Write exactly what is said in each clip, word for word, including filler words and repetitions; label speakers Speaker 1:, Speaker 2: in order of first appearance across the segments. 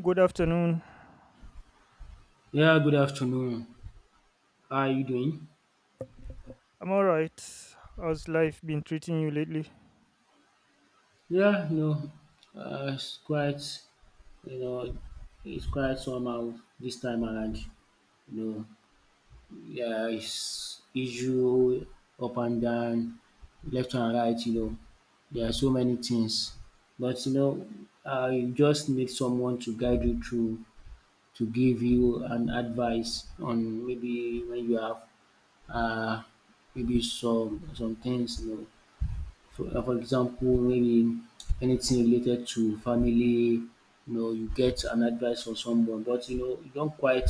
Speaker 1: Good afternoon.
Speaker 2: Yeah, good afternoon. How are you doing?
Speaker 1: I'm alright. How's life been treating you lately?
Speaker 2: Yeah, no, uh, it's quite, you know, it's quite somehow this time around. You know, yeah, it's issue up and down, left and right. You know, there are so many things, but you know, uh, you just need someone to guide you through, to give you an advice on maybe when you have uh, maybe some some things you know. For uh, for example, maybe anything related to family, you know, you get an advice from someone, but you know, you don't quite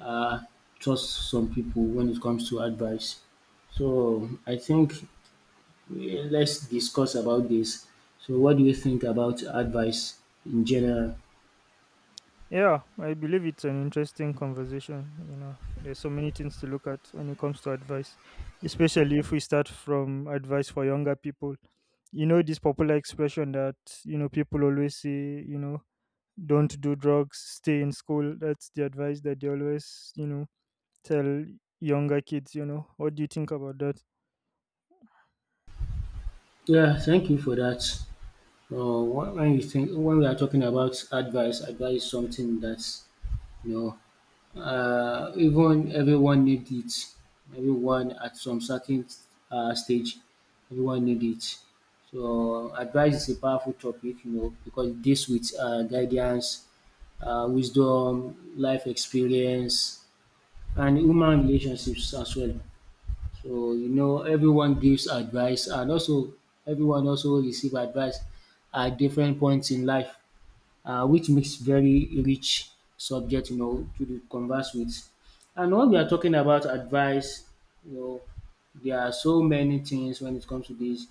Speaker 2: uh, trust some people when it comes to advice. So I think eh, let's discuss about this. So, what do you think about advice in general?
Speaker 1: Yeah, I believe it's an interesting conversation. You know, there's so many things to look at when it comes to advice, especially if we start from advice for younger people. You know, this popular expression that, you know, people always say, you know, don't do drugs, stay in school. That's the advice that they always, you know, tell younger kids, you know. What do you think about that?
Speaker 2: Yeah, thank you for that. So when when you think when we are talking about advice, advice is something that's you know uh, even everyone need it. Everyone at some certain uh, stage, everyone need it. So advice is a powerful topic, you know, because it deals with uh, guidance, uh, wisdom, life experience, and human relationships as well. So you know, everyone gives advice, and also everyone also receive advice at different points in life uh, which makes very rich subject, you know, to the converse with. And when we are talking about advice, you know, there are so many things when it comes to this.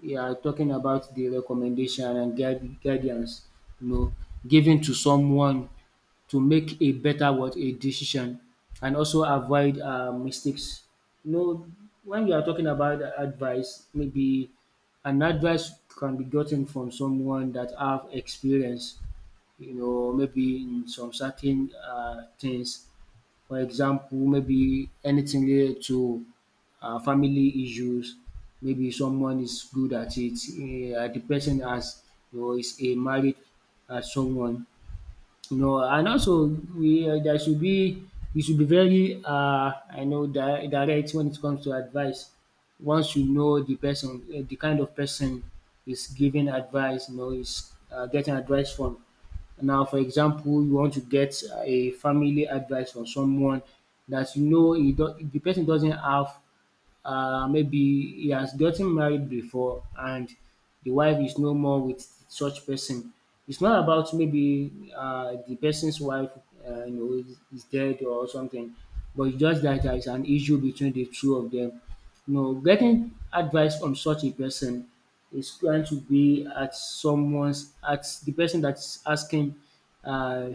Speaker 2: We are talking about the recommendation and guide, guidance, you know, given to someone to make a better what a decision and also avoid uh, mistakes. You know, when we are talking about advice, maybe an advice can be gotten from someone that have experience you know, maybe in some certain uh, things. For example, maybe anything related to uh, family issues. Maybe someone is good at it. Uh, the person has, you know, is a married uh, someone. No, and also we uh, there should be you should be very uh I know di- direct when it comes to advice. Once you know the person, uh, the kind of person is giving advice, you know, is uh, getting advice from. Now, for example, you want to get a family advice from someone that you know he do- the person doesn't have uh, maybe he has gotten married before and the wife is no more with such person. It's not about maybe uh, the person's wife, uh, you know, is is dead or something, but it's just that there is an issue between the two of them. You know, getting advice from such a person is going to be at someone's at the person that's asking uh,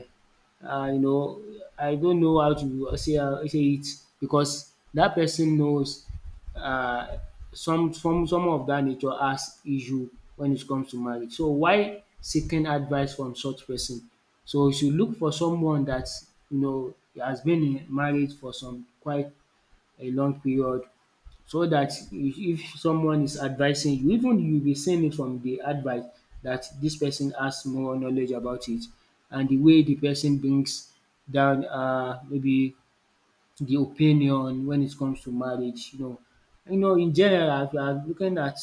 Speaker 2: uh, you know, I don't know how to uh, say, uh, say it because that person knows uh, some some some of that nature has issue when it comes to marriage. So why seeking advice from such person? So you should look for someone that you know has been in marriage for some quite a long period so that if if someone is advising you, even you be seeing it from the advice that this person has more knowledge about it and the way the person brings down uh, maybe the opinion when it comes to marriage, you know. You know, in general, if you are looking at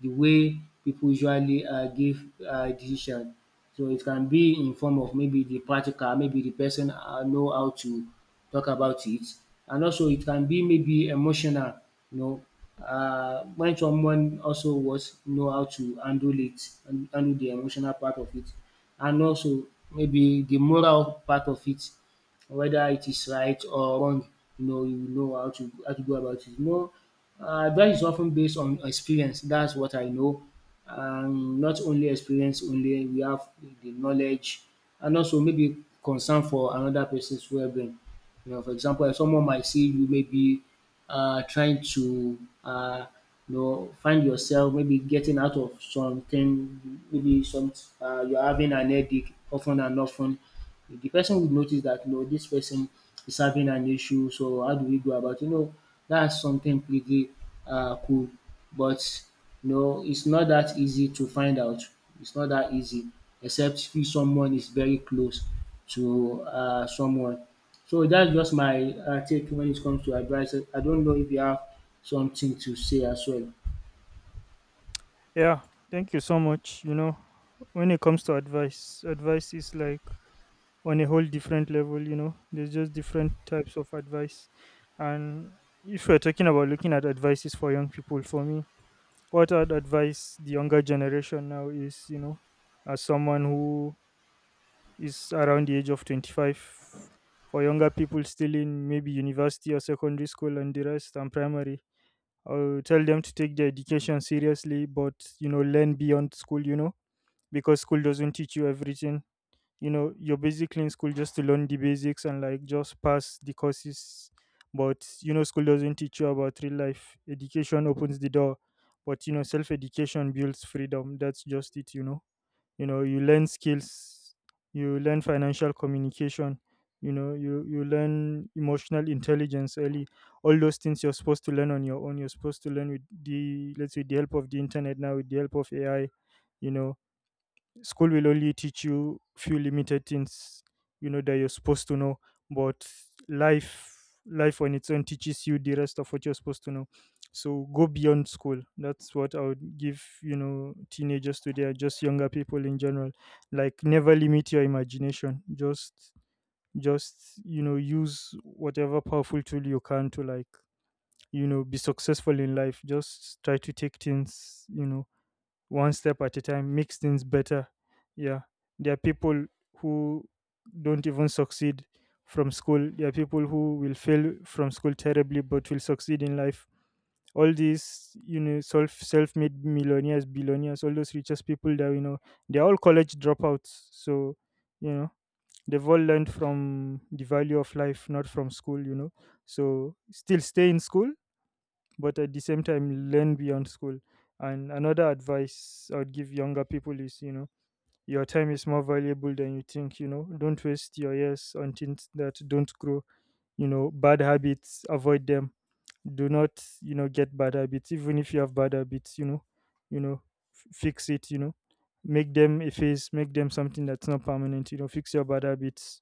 Speaker 2: the way people usually uh, give uh, decision, so it can be in form of maybe the practical, maybe the person uh, know how to talk about it, and also it can be maybe emotional, you know, uh, when someone also was know how to handle it and handle the emotional part of it, and also maybe the moral part of it whether it is right or wrong, you know you know how to how to go about it. You know, uh, advice is of based on experience, that's what I know. Um, not only experience only, we have the knowledge and also maybe concern for another person's well-being. You know, for example, if someone might see you maybe uh, trying to uh, you know find yourself maybe getting out of something, maybe some uh, you're having an headache often and often the person would notice that you know this person is having an issue, so how do we go about it? You know, that's something pretty uh, cool, but you know, it's not that easy to find out. It's not that easy, except if someone is very close to uh, someone. So that's just my uh, take when it comes to advice. I don't know if you have something to say as well.
Speaker 1: Yeah, thank you so much. You know, when it comes to advice, advice is like on a whole different level, you know. There's just different types of advice. And if we're talking about looking at advices for young people, for me, what I'd advise the younger generation now is, you know, as someone who is around the age of twenty-five, for younger people still in maybe university or secondary school and the rest and primary, I will tell them to take their education seriously, but you know, learn beyond school, you know, because school doesn't teach you everything. You know, you're basically in school just to learn the basics and like just pass the courses. But you know, school doesn't teach you about real life. Education opens the door, but you know, self education builds freedom. That's just it. You know you know, you learn skills, you learn financial communication, you know, you you learn emotional intelligence early. All those things you're supposed to learn on your own, you're supposed to learn with the, let's say, the help of the internet, now with the help of AI, you know. School will only teach you few limited things, you know, that you're supposed to know. But life, life on its own teaches you the rest of what you're supposed to know. So go beyond school. That's what I would give, you know, teenagers today, or just younger people in general. Like never limit your imagination. Just, just, you know, use whatever powerful tool you can to like, you know, be successful in life. Just try to take things, you know, one step at a time, makes things better. Yeah. There are people who don't even succeed from school. There are people who will fail from school terribly but will succeed in life. All these, you know, self self made millionaires, billionaires, all those richest people that we know, they're all college dropouts. So, you know, they've all learned from the value of life, not from school, you know. So still stay in school, but at the same time learn beyond school. And another advice I would give younger people is, you know, your time is more valuable than you think. You know, don't waste your years on things that don't grow. You know, bad habits, avoid them. Do not, you know, get bad habits. Even if you have bad habits, you know, you know, f- fix it. You know, make them a phase, make them something that's not permanent. You know, fix your bad habits.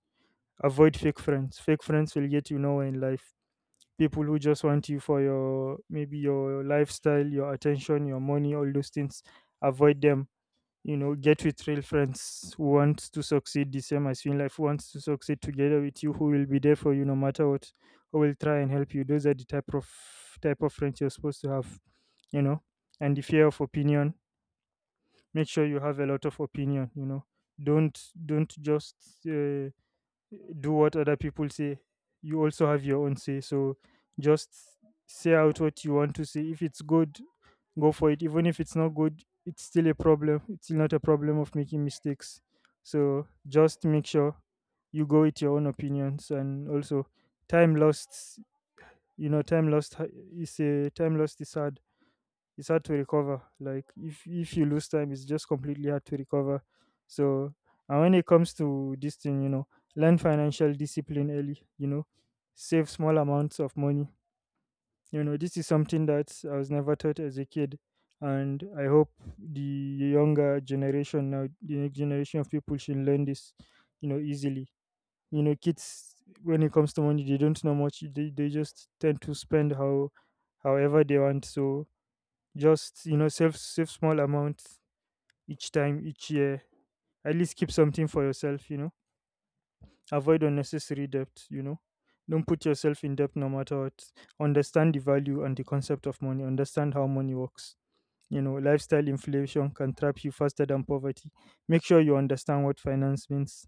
Speaker 1: Avoid fake friends. Fake friends will get you nowhere in life. People who just want you for your maybe your lifestyle, your attention, your money, all those things. Avoid them. You know, get with real friends who want to succeed the same as you in life, who wants to succeed together with you, who will be there for you no matter what, who will try and help you. Those are the type of type of friends you're supposed to have, you know. And the fear of opinion. Make sure you have a lot of opinion, you know. Don't don't just uh, do what other people say. You also have your own say. So just say out what you want to say. If it's good, go for it. Even if it's not good, it's still a problem. It's still not a problem of making mistakes. So just make sure you go with your own opinions. And also time lost, you know, time lost ha- is a, time lost is sad, it's hard to recover. Like if if you lose time, it's just completely hard to recover. So, and when it comes to this thing, you know, learn financial discipline early. You know, save small amounts of money. You know, this is something that I was never taught as a kid, and I hope the younger generation now, the next generation of people, should learn this. You know, easily. You know, kids when it comes to money, they don't know much. They they just tend to spend how however they want. So just, you know, save save small amounts each time, each year. At least keep something for yourself. You know, avoid unnecessary debt. You know, don't put yourself in debt no matter what. Understand the value and the concept of money. Understand how money works. You know, lifestyle inflation can trap you faster than poverty. Make sure you understand what finance means,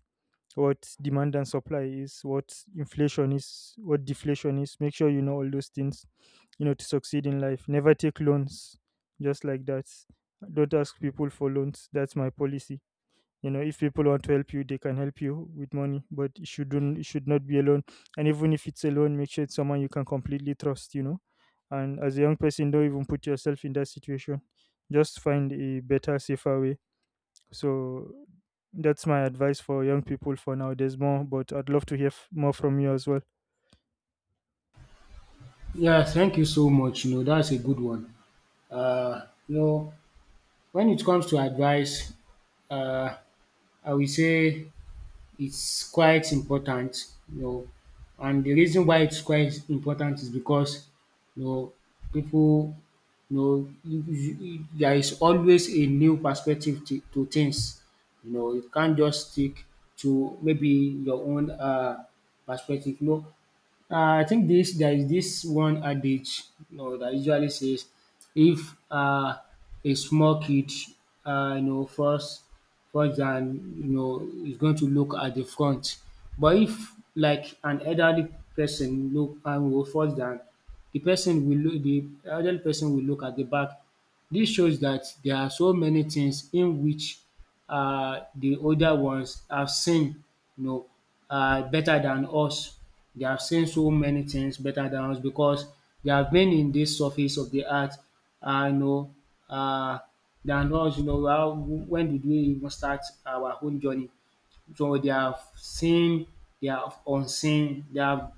Speaker 1: what demand and supply is, what inflation is, what deflation is. Make sure you know all those things, you know, to succeed in life. Never take loans just like that. Don't ask people for loans. That's my policy. You know, if people want to help you, they can help you with money, but it shouldn't, it should not be a loan. And even if it's a loan, make sure it's someone you can completely trust, you know. And as a young person, don't even put yourself in that situation. Just find a better, safer way. So that's my advice for young people for now. There's more, but I'd love to hear f- more from you as well.
Speaker 2: Yeah, thank you so much. You know, that's a good one. Uh, you know, when it comes to advice, uh, I will say it's quite important, you know, and the reason why it's quite important is because, you know, people, you know, you- you- you- there is always a new perspective to, to things. You know, you can't just stick to maybe your own uh, perspective. You know, uh, I think this there is this one adage, you know, that usually says, if uh, a small kid, uh, you know, first, first than you know, is going to look at the front, but if like an elderly person look and will first than the person will look, the elderly person will look at the back. This shows that there are so many things in which uh, the older ones have seen, you know, uh, better than us. They have seen so many things better than us because they have been in this surface of the earth, uh, you know, uh, than us. You know, how, when did we even start our own journey? So they have seen, they have unseen, they have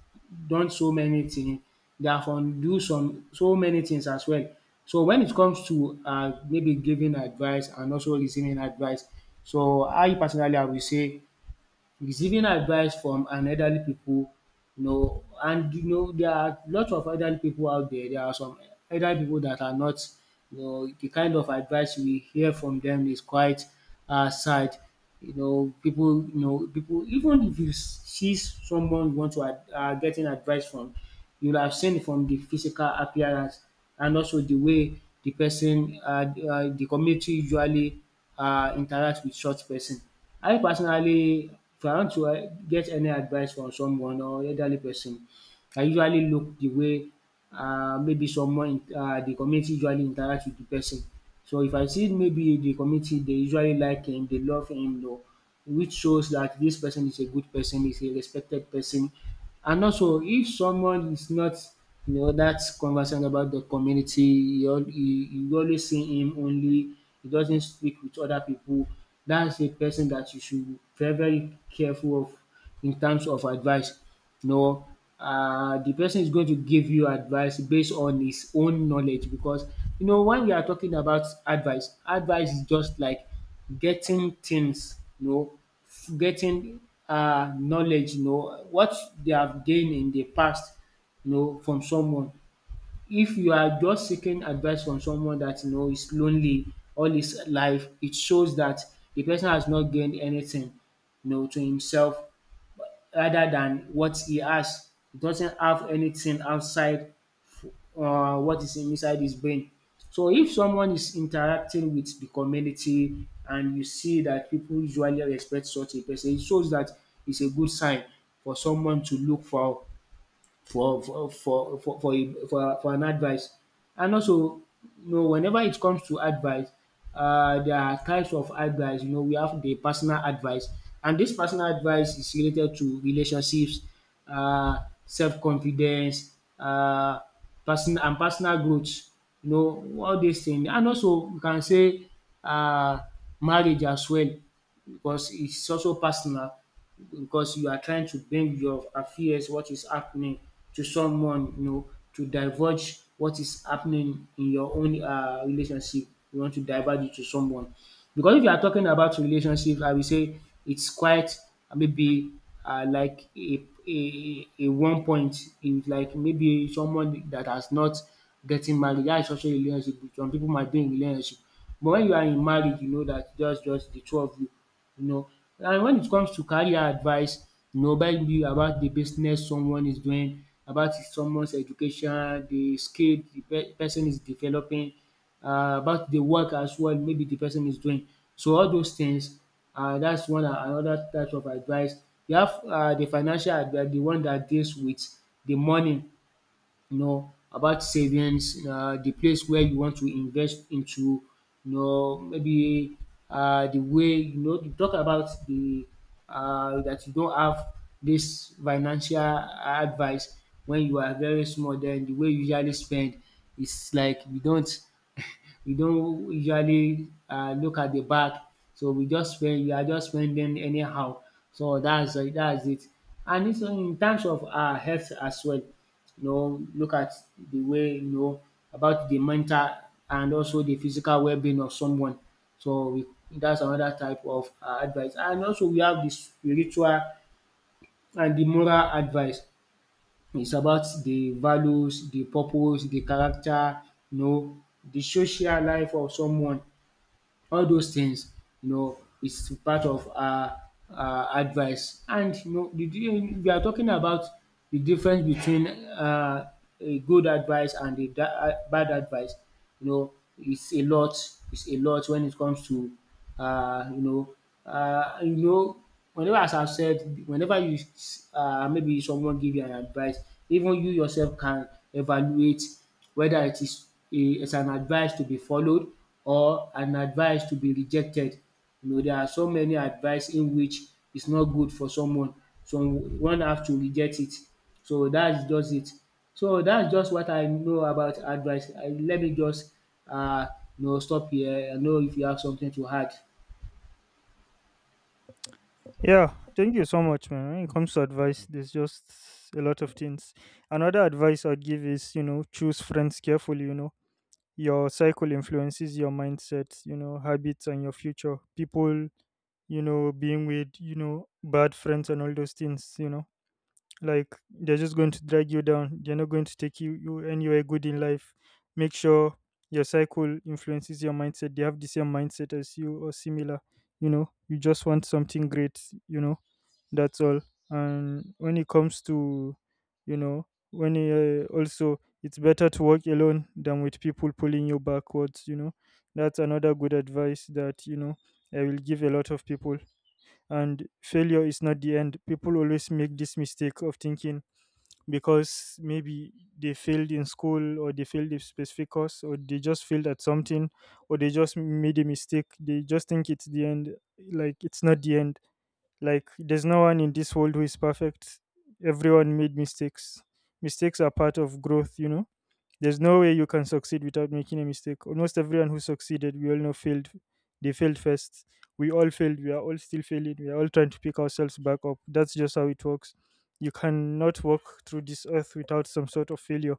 Speaker 2: done so many things, they have undo some so many things as well. So when it comes to um maybe giving advice and also listening advice, so I personally I will say receiving advice from an elderly pipu you know and you know there are lots of elderly people out there. There are some elderly people that are not you know the kind of advice we hear from them is quite um sad. You know People, you know people. Even if you s- see someone you want to are getting advice from, you will have seen from the physical appearance and also the way the person um the community usually um interact with such person. I personally if I want to eh, get any advice from someone or elderly person, I usually look the way um maybe someone in um the community usually interact with the person. So if I see maybe the community they usually like him, they love him you know, which shows that this person is a good person, is a respected person. And also if someone is not you know that conversant about the community, you al- you you always see him only, he doesn't speak with other people, that's a person that you should be very very careful of in terms of advice. No, uh, the person is going to give you advice based on his own knowledge because you know when we are talking about advice, advice is just like getting things, you know, f- getting uh, knowledge, you know, what they have gained in the past, you know, from someone. If you are just seeking advice from someone that you know is lonely all his life, it shows that the person has not gained anything, you know, to himself rather than what he has. He doesn't have anything outside uh, what is inside his brain. So if someone is interacting with the community and you see that people usually respect such a person, it shows that it's a good sign for someone to look for for for for for for a for, for an advice. And also, you know, whenever it comes to advice, uh, there are types of advice. You know, we have the personal advice, and this personal advice is related to relationships, uh, self confidence, uh, person and personal growth. You know, all these things, and also you can say uh, marriage as well because it's also personal because you are trying to bring your affairs, what is happening to someone, you know, to divulge what is happening in your own uh, relationship. You want to divulge it to someone. Because if you are talking about relationship, I will say it's quite uh, maybe uh, like a, a, a one point is like maybe someone that has not getting married. That is also a relationship. Some people might be in relationship. But when you are in marriage you know that just just the two of you, you know. And when it comes to career advice, you know maybe about the business someone is doing, about someone's education, the skill de person is developing, uh, about the work as well maybe the person is doing. So all those things uh, that's one a- another type of advice. You have uh the financial advice, the one that deals with the money, you know, about savings, um the place where you want to invest into, you know, maybe um the way, you know, you talk about the um that you don't have this financial advice. When you are very small, den the way you usually spend is like we don't we don't usually um look at the back, so we just spend, you are just spending anyhow. So that's that's it. And it's in terms of our health as well, you know, look at the way, you know, about the mental and also the physical well-being of someone. So we, that's another type of uh, advice. And also we have the spiritual and the moral advice. It's about the values, the purpose, the character, you know, the social life of someone. All those things, you know, is part of our her advice. And, you know, the di- we are talking about the difference between um a good advice and a da- uh, bad advice. You know, it's a lot. It's a lot when it comes to uh, you know uh, you know whenever, as I have said, whenever you s- uh maybe someone give you an advice, even you yourself can evaluate whether it is a is an advice to be followed or an advice to be rejected. You know, there are so many advice in which it's not good for someone. So one have to reject it. So that's just it. So that's just what I know about advice. I Let me just uh you know stop here. I know if you have something to add.
Speaker 1: Yeah, thank you so much, man. When it comes to advice, there's just a lot of things. Another advice I'd give is, you know, choose friends carefully, you know. Your cycle influences your mindset, you know, habits and your future. People, you know, being with, you know, bad friends and all those things, you know. Like they're just going to drag you down. They're not going to take you, you anywhere good in life. Make sure your cycle influences your mindset. They have the same mindset as you or similar, you know. You just want something great, you know, that's all. And when it comes to, you know, when you, uh, also it's better to work alone than with people pulling you backwards, you know. That's another good advice that, you know, I will give a lot of people. And failure is not the end. People always make this mistake of thinking because maybe they failed in school or they failed a specific course or they just failed at something or they just made a mistake. They just think it's the end. Like, it's not the end. Like, there's no one in this world who is perfect. Everyone made mistakes. Mistakes are part of growth, you know? There's no way you can succeed without making a mistake. Almost everyone who succeeded, we all know, failed. They failed first. We all failed. We are all still failing. We are all trying to pick ourselves back up. That's just how it works. You cannot walk through this earth without some sort of failure.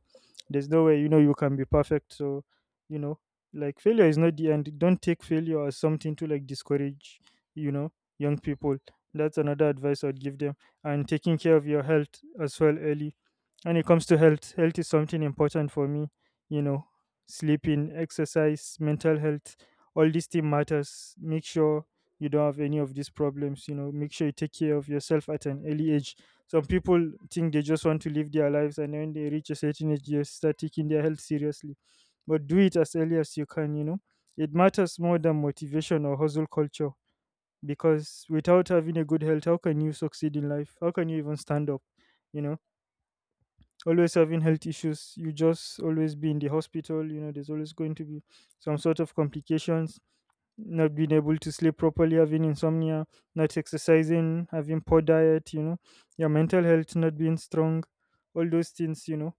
Speaker 1: There's no way, you know, you can be perfect. So, you know, like failure is not the end. Don't take failure as something to like discourage, you know, young people. That's another advice I'd give them. And taking care of your health as well early. When it comes to health, health is something important for me. You know, sleeping, exercise, mental health, all these things matters. Make sure you don't have any of these problems. You know, make sure you take care of yourself at an early age. Some people think they just want to live their lives, and when they reach a certain age, they start taking their health seriously. But do it as early as you can. You know, it matters more than motivation or hustle culture because without having a good health, how can you succeed in life? How can you even stand up? You know, always having health issues. You just always be in the hospital. You know, there's always going to be some sort of complications. Not being able to sleep properly, having insomnia, not exercising, having poor diet. You know, your mental health not being strong. All those things, you know,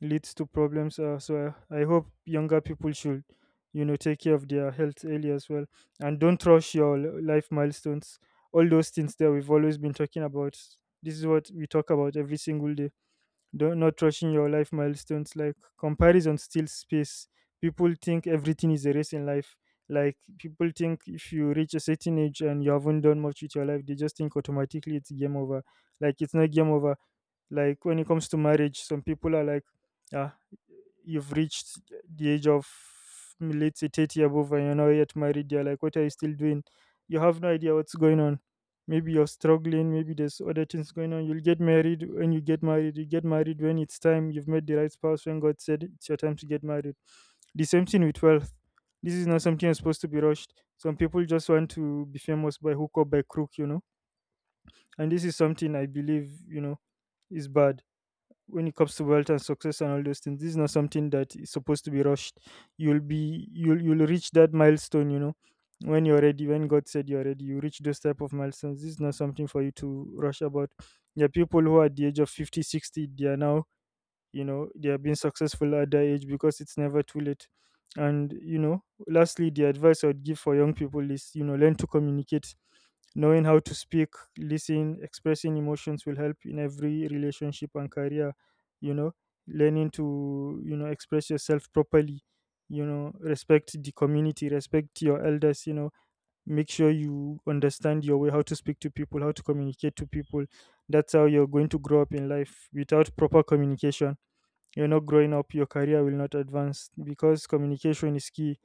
Speaker 1: leads to problems. Uh, so I, I hope younger people should, you know, take care of their health early as well, and don't rush your li- life milestones. All those things that we've always been talking about. This is what we talk about every single day. Don't Not rushing your life milestones, like, comparison steals space. People think everything is a race in life. Like, people think if you reach a certain age and you haven't done much with your life, they just think automatically it's game over. Like, it's not game over. Like, when it comes to marriage, some people are like, ah, you've reached the age of mm, let's say thirty above and you're not yet married, they're like, what are you still doing? You have no idea what's going on. Maybe you're struggling, maybe there's other things going on. You'll get married when you get married. You get married when it's time, you've met the right spouse, when God said it's your time to get married. The same thing with wealth. This is not something that's supposed to be rushed. Some people just want to be famous by hook or by crook, you know. And this is something I believe, you know, is bad. When it comes to wealth and success and all those things, this is not something that is supposed to be rushed. You'll be, you'll you'll reach that milestone, you know, when you're ready. When God said you're ready, you reach those type of milestones. This is not something for you to rush about. There are people who are at the age of fifty, sixty. They are now, you know, they are being successful at their age because it's never too late. And, you know, lastly, the advice I would give for young people is, you know, learn to communicate. Knowing how to speak, listen, expressing emotions will help in every relationship and career. You know, learning to, you know, express yourself properly. You know, respect the community, respect your elders. You know, make sure you understand your way, how to speak to people, how to communicate to people. That's how you're going to grow up in life. Without proper communication, you're not growing up, your career will not advance, because communication is key.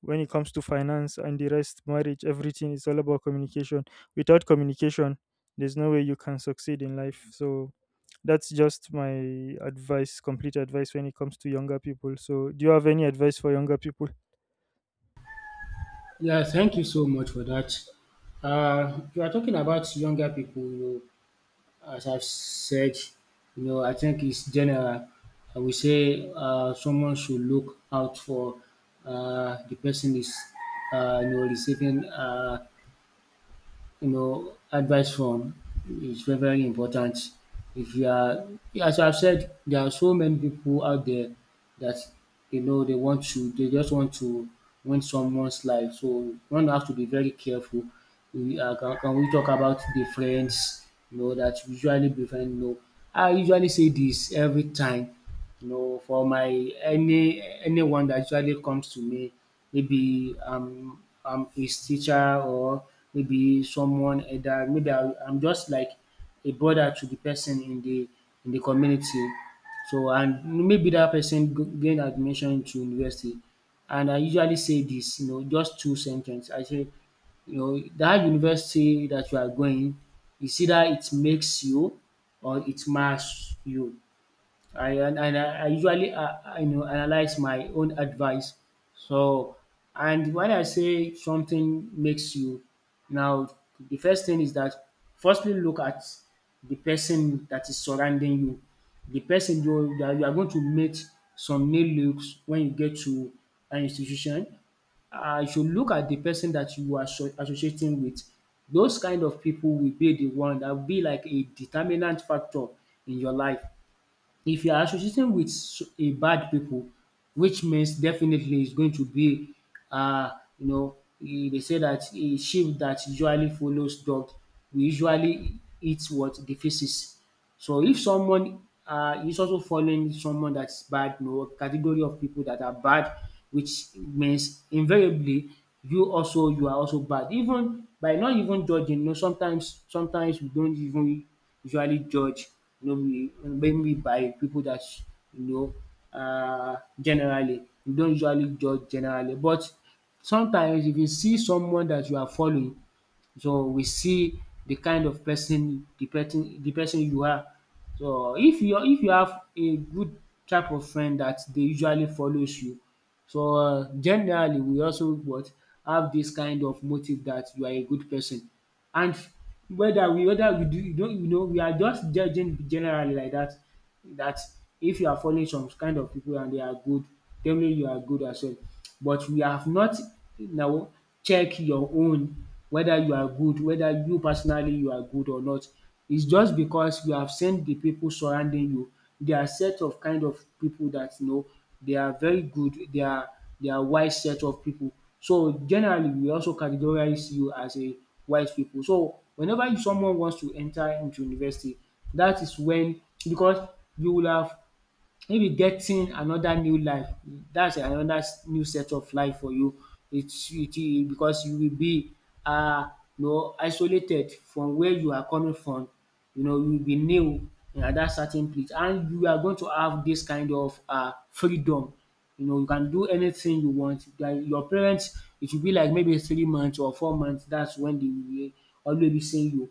Speaker 1: When it comes to finance and the rest, marriage, everything is all about communication. Without communication, there's no way you can succeed in life. So that's just my advice, complete advice when it comes to younger people. So, do you have any advice for younger people?
Speaker 2: Yeah, thank you so much for that. Uh, you are talking about younger people, you know, as I've said, you know, I think it's general. I would say uh, someone should look out for, uh, the person is uh, you know receiving, uh, you know, advice from, is very, very important. If you are, as I've said, there are so many people out there that, you know, they want to, they just want to win someone's life. So one have to be very careful. We, uh, can, can we talk about the friends, you know, that usually befriend? You know, I usually say this every time. You know, for my any anyone that usually comes to me, maybe um I'm his teacher, or maybe someone that maybe I, I'm just like a brother to the person in the in the community. So, and maybe that person g- gain admission into university, and I usually say this, you know, just two sentence. I say, you know, that university that you are going, is either it makes you or it marks you. I and and I I usually, uh, I, you know analyze my own advice. So, and when I say something makes you now, the first thing is that, firstly, look at the person that is surrounding you, the person you that you are going to meet, some new looks when you get to an institution. I should look at the person that you are asso- associating with. Those kind of people will be the one that will be like a determinant factor in your life. If you are associating with s- a bad people, which means definitely it's going to be, uh, you know, eh, they say that a sheep that usually follows dog will usually eat what the feces. So if someone uh, is also following someone that's bad, you know, category of people that are bad, which means invariably you also you are also bad. Even by not even judging, you know, sometimes sometimes we don't even usually judged, you know, we- maybe by people that, you know, uh, generally. You don't usually judge generally, but sometimes if you see someone that you are following, so we see the kind of person, the person the person you are. So if you if you have a good type of friend that dey usually follows you, so, uh, generally, we also what have this kind of motive that you are a good person. And whether we whether we do you don't, you know, we are just judging generally like that that, if you are following some kind of people and they are good, definitely you are good as well. But we have not now check your own whether you are good, whether you personally you are good or not. It's just because you have seen the people surrounding you. They are set of kind of people that, you know, they are very good, they are they are wise set of people. So generally we also categorize you as a wise people. So whenever you- someone wants to enter into university, that is when, because you will have, maybe, getting another new life, that's another s- new set of life for you. It's it it because you will be, uh, you know isolated from where you are coming from. You know, you will be new at dat certain place, and you are going to have this kind of uh freedom. You know, you can do anything you want. Like your parents, it will be like maybe three months or four months. That's when they will always be seeing you,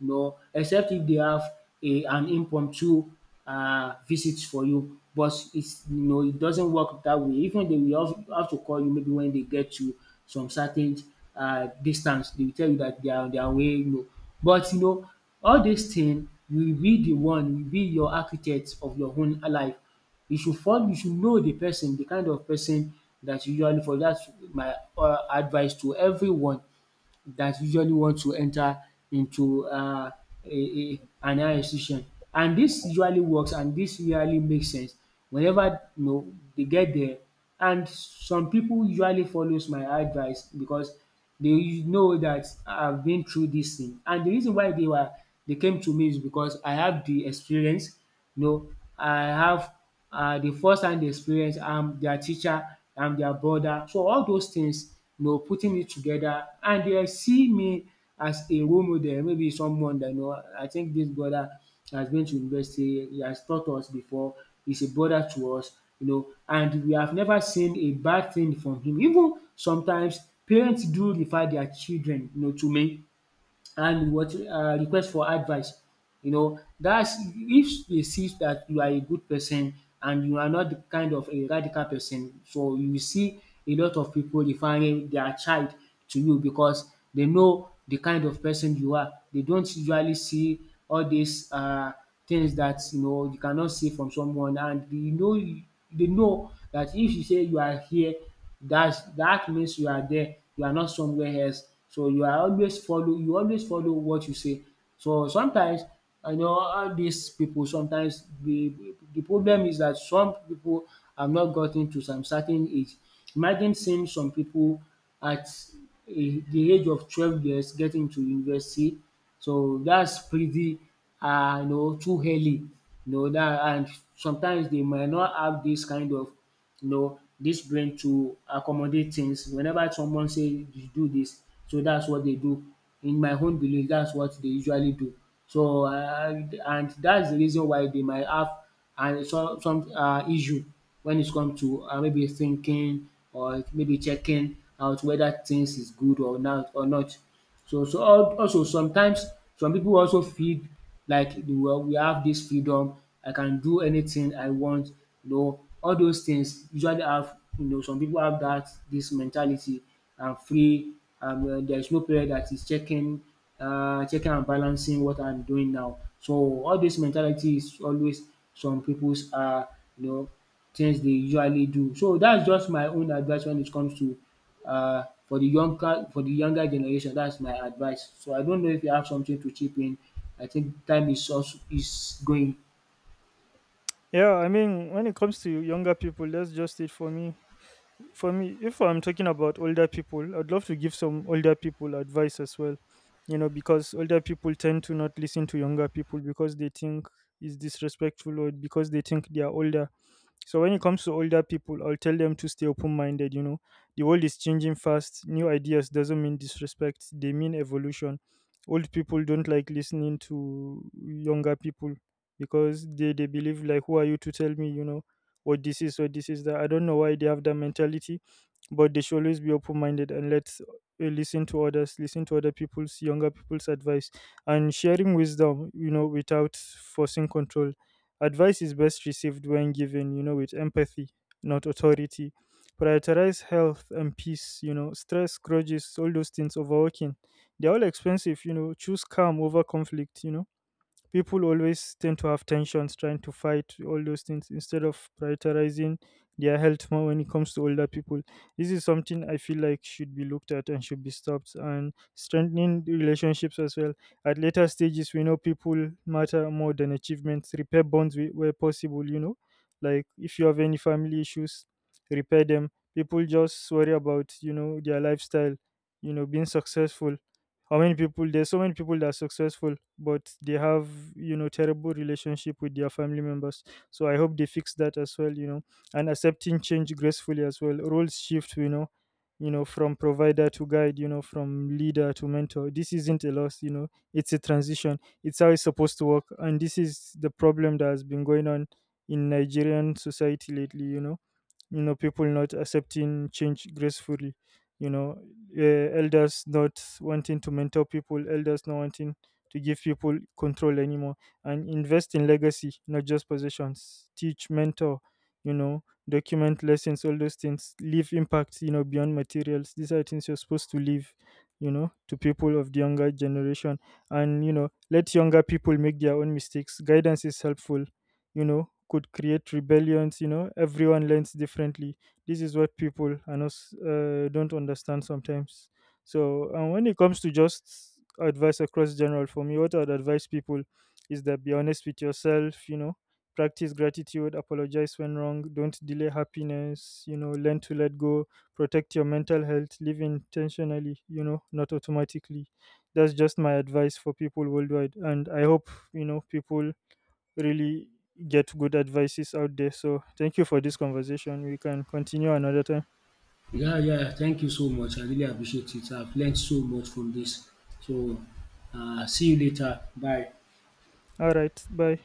Speaker 2: you know, except if they have a an impromptu uh, visit for you. But it's, you know, it doesn't work that way. Even they will have, have to call you maybe when they get to some certain uh, distance. They will tell you that they are on their way. You know, but, you know, all this thing, you will be the one, you will be your architect of your own life. You should follow, you should know the person, the kind of person that you usually for, that's my uh, advice to everyone that usually want to enter into um a a an higher institution. And this usually works, and this really makes sense whenever, you know, they get there. And some people usually follows my advice because they know that I've been through this thing, and the reason why they were they came to me is because I have the experience, you know, I have um the first hand experience, um, their teacher, um, their brother. So all those things, you know, putting it together, and they see me as a role model, maybe someone that, you know, I think this brother has been to university, he has taught us before, he's a brother to us, you know, and we have never seen a bad thing from him. Even sometimes parents do refer their children, you know, to me, and what um request for advice. You know, that's if they see that you are a good person, and you are not the kind of a radical person, so you will see a lot of people referring their child to you because they know the kind of person you are. They don't usually see all these uh things that, you know, you cannot see from someone, and they know they know that if you say you are here, that's that means you are there, you are not somewhere else. So you are always follow you always follow what you say. So sometimes, you know, all dis pipu, sometimes, the the problem is that some people have not gotten to some certain age. Imagine seeing some people at a the age of twelve years getting to university. So that's pretty, uh, you know too early. You know that, and sometimes they might not have this kind of, you know, dis brain to accommodate things. Whenever someone say you do this, so that's what they do. In my own belief, that's what they usually do. So, um and that's the reason why they might have and some some uh issue when it come to um maybe thinking or maybe checking out whether things is good or not or not. So so al also sometimes some people also feel like the world, we have this freedom, I can do anything I want, you know, all those things usually have, you know, some people have that this mentality: I'm free, and there is no parent that is checking, uh checking and balancing what I'm doing now. So all this mentality is always some people's uh you know things they usually do. So that's just my own advice when it comes to, uh, for the younger for the younger generation, that's my advice. So I don't know if you have something to chip in. I think time is also is going.
Speaker 1: Yeah, I mean, when it comes to younger people, that's just it for me. For me, if I'm talking about older people, I'd love to give some older people advice as well. You know, because older people tend to not listen to younger people because they think is disrespectful, or because they think they are older. So when it comes to older people, I'll tell them to stay open-minded. You know, the world is changing fast. New ideas doesn't mean disrespect; they mean evolution. Old people don't like listening to younger people because they they believe like, who are you to tell me? You know, what this is, what this is that. I don't know why they have that mentality, but they should always be open minded and let uh, listen to others, listen to other people's, younger people's advice, and sharing wisdom, you know, without forcing control. Advice is best received when given, you know, with empathy, not authority. Prioritize health and peace, you know. Stress, grudges, all those things, overworking, they're all expensive. You know, choose calm over conflict, you know. People always tend to have tensions, trying to fight all those things instead of prioritizing their health more when it comes to older people. This is something I feel like should be looked at and should be stopped. And strengthening the relationships as well. At later stages, we know people matter more than achievements. Repair bonds whe- where possible, you know, like, if you have any family issues, repair them. People just worry about, you know, their lifestyle, you know, being successful. How many people, there's so many people that are successful but they have, you know, terrible relationship with their family members. So I hope they fix that as well, you know. And accepting change gracefully as well. Roles shift, you know. You know, from provider to guide, you know, from leader to mentor. This isn't a loss, you know, it's a transition. It's how it's supposed to work. And this is the problem that has been going on in Nigerian society lately, you know. You know, people not accepting change gracefully, you know, uh, elders not wanting to mentor people, elders not wanting to give people control anymore. And invest in legacy, not just possessions. Teach, mentor, you know, document lessons, all those things. Leave impact, you know, beyond materials. These are things you're supposed to leave, you know, to people of the younger generation. And, you know, let younger people make their own mistakes. Guidance is helpful, you know, could create rebellions. You know, everyone learns differently. This is what people are not, s- uh, don't understand sometimes. So, and when it comes to just advice across general, for me, what I'd advise people is that be honest with yourself, you know, practice gratitude, apologize when wrong, don't delay happiness, you know, learn to let go, protect your mental health, live intentionally, you know, not automatically. That's just my advice for people worldwide. And I hope, you know, people really get good advices out there. So thank you for this conversation. We can continue another time.
Speaker 2: Yeah, yeah. Thank you so much. I really appreciate it. I've learned so much from this. So, uh, see you later. Bye.
Speaker 1: All right. Bye.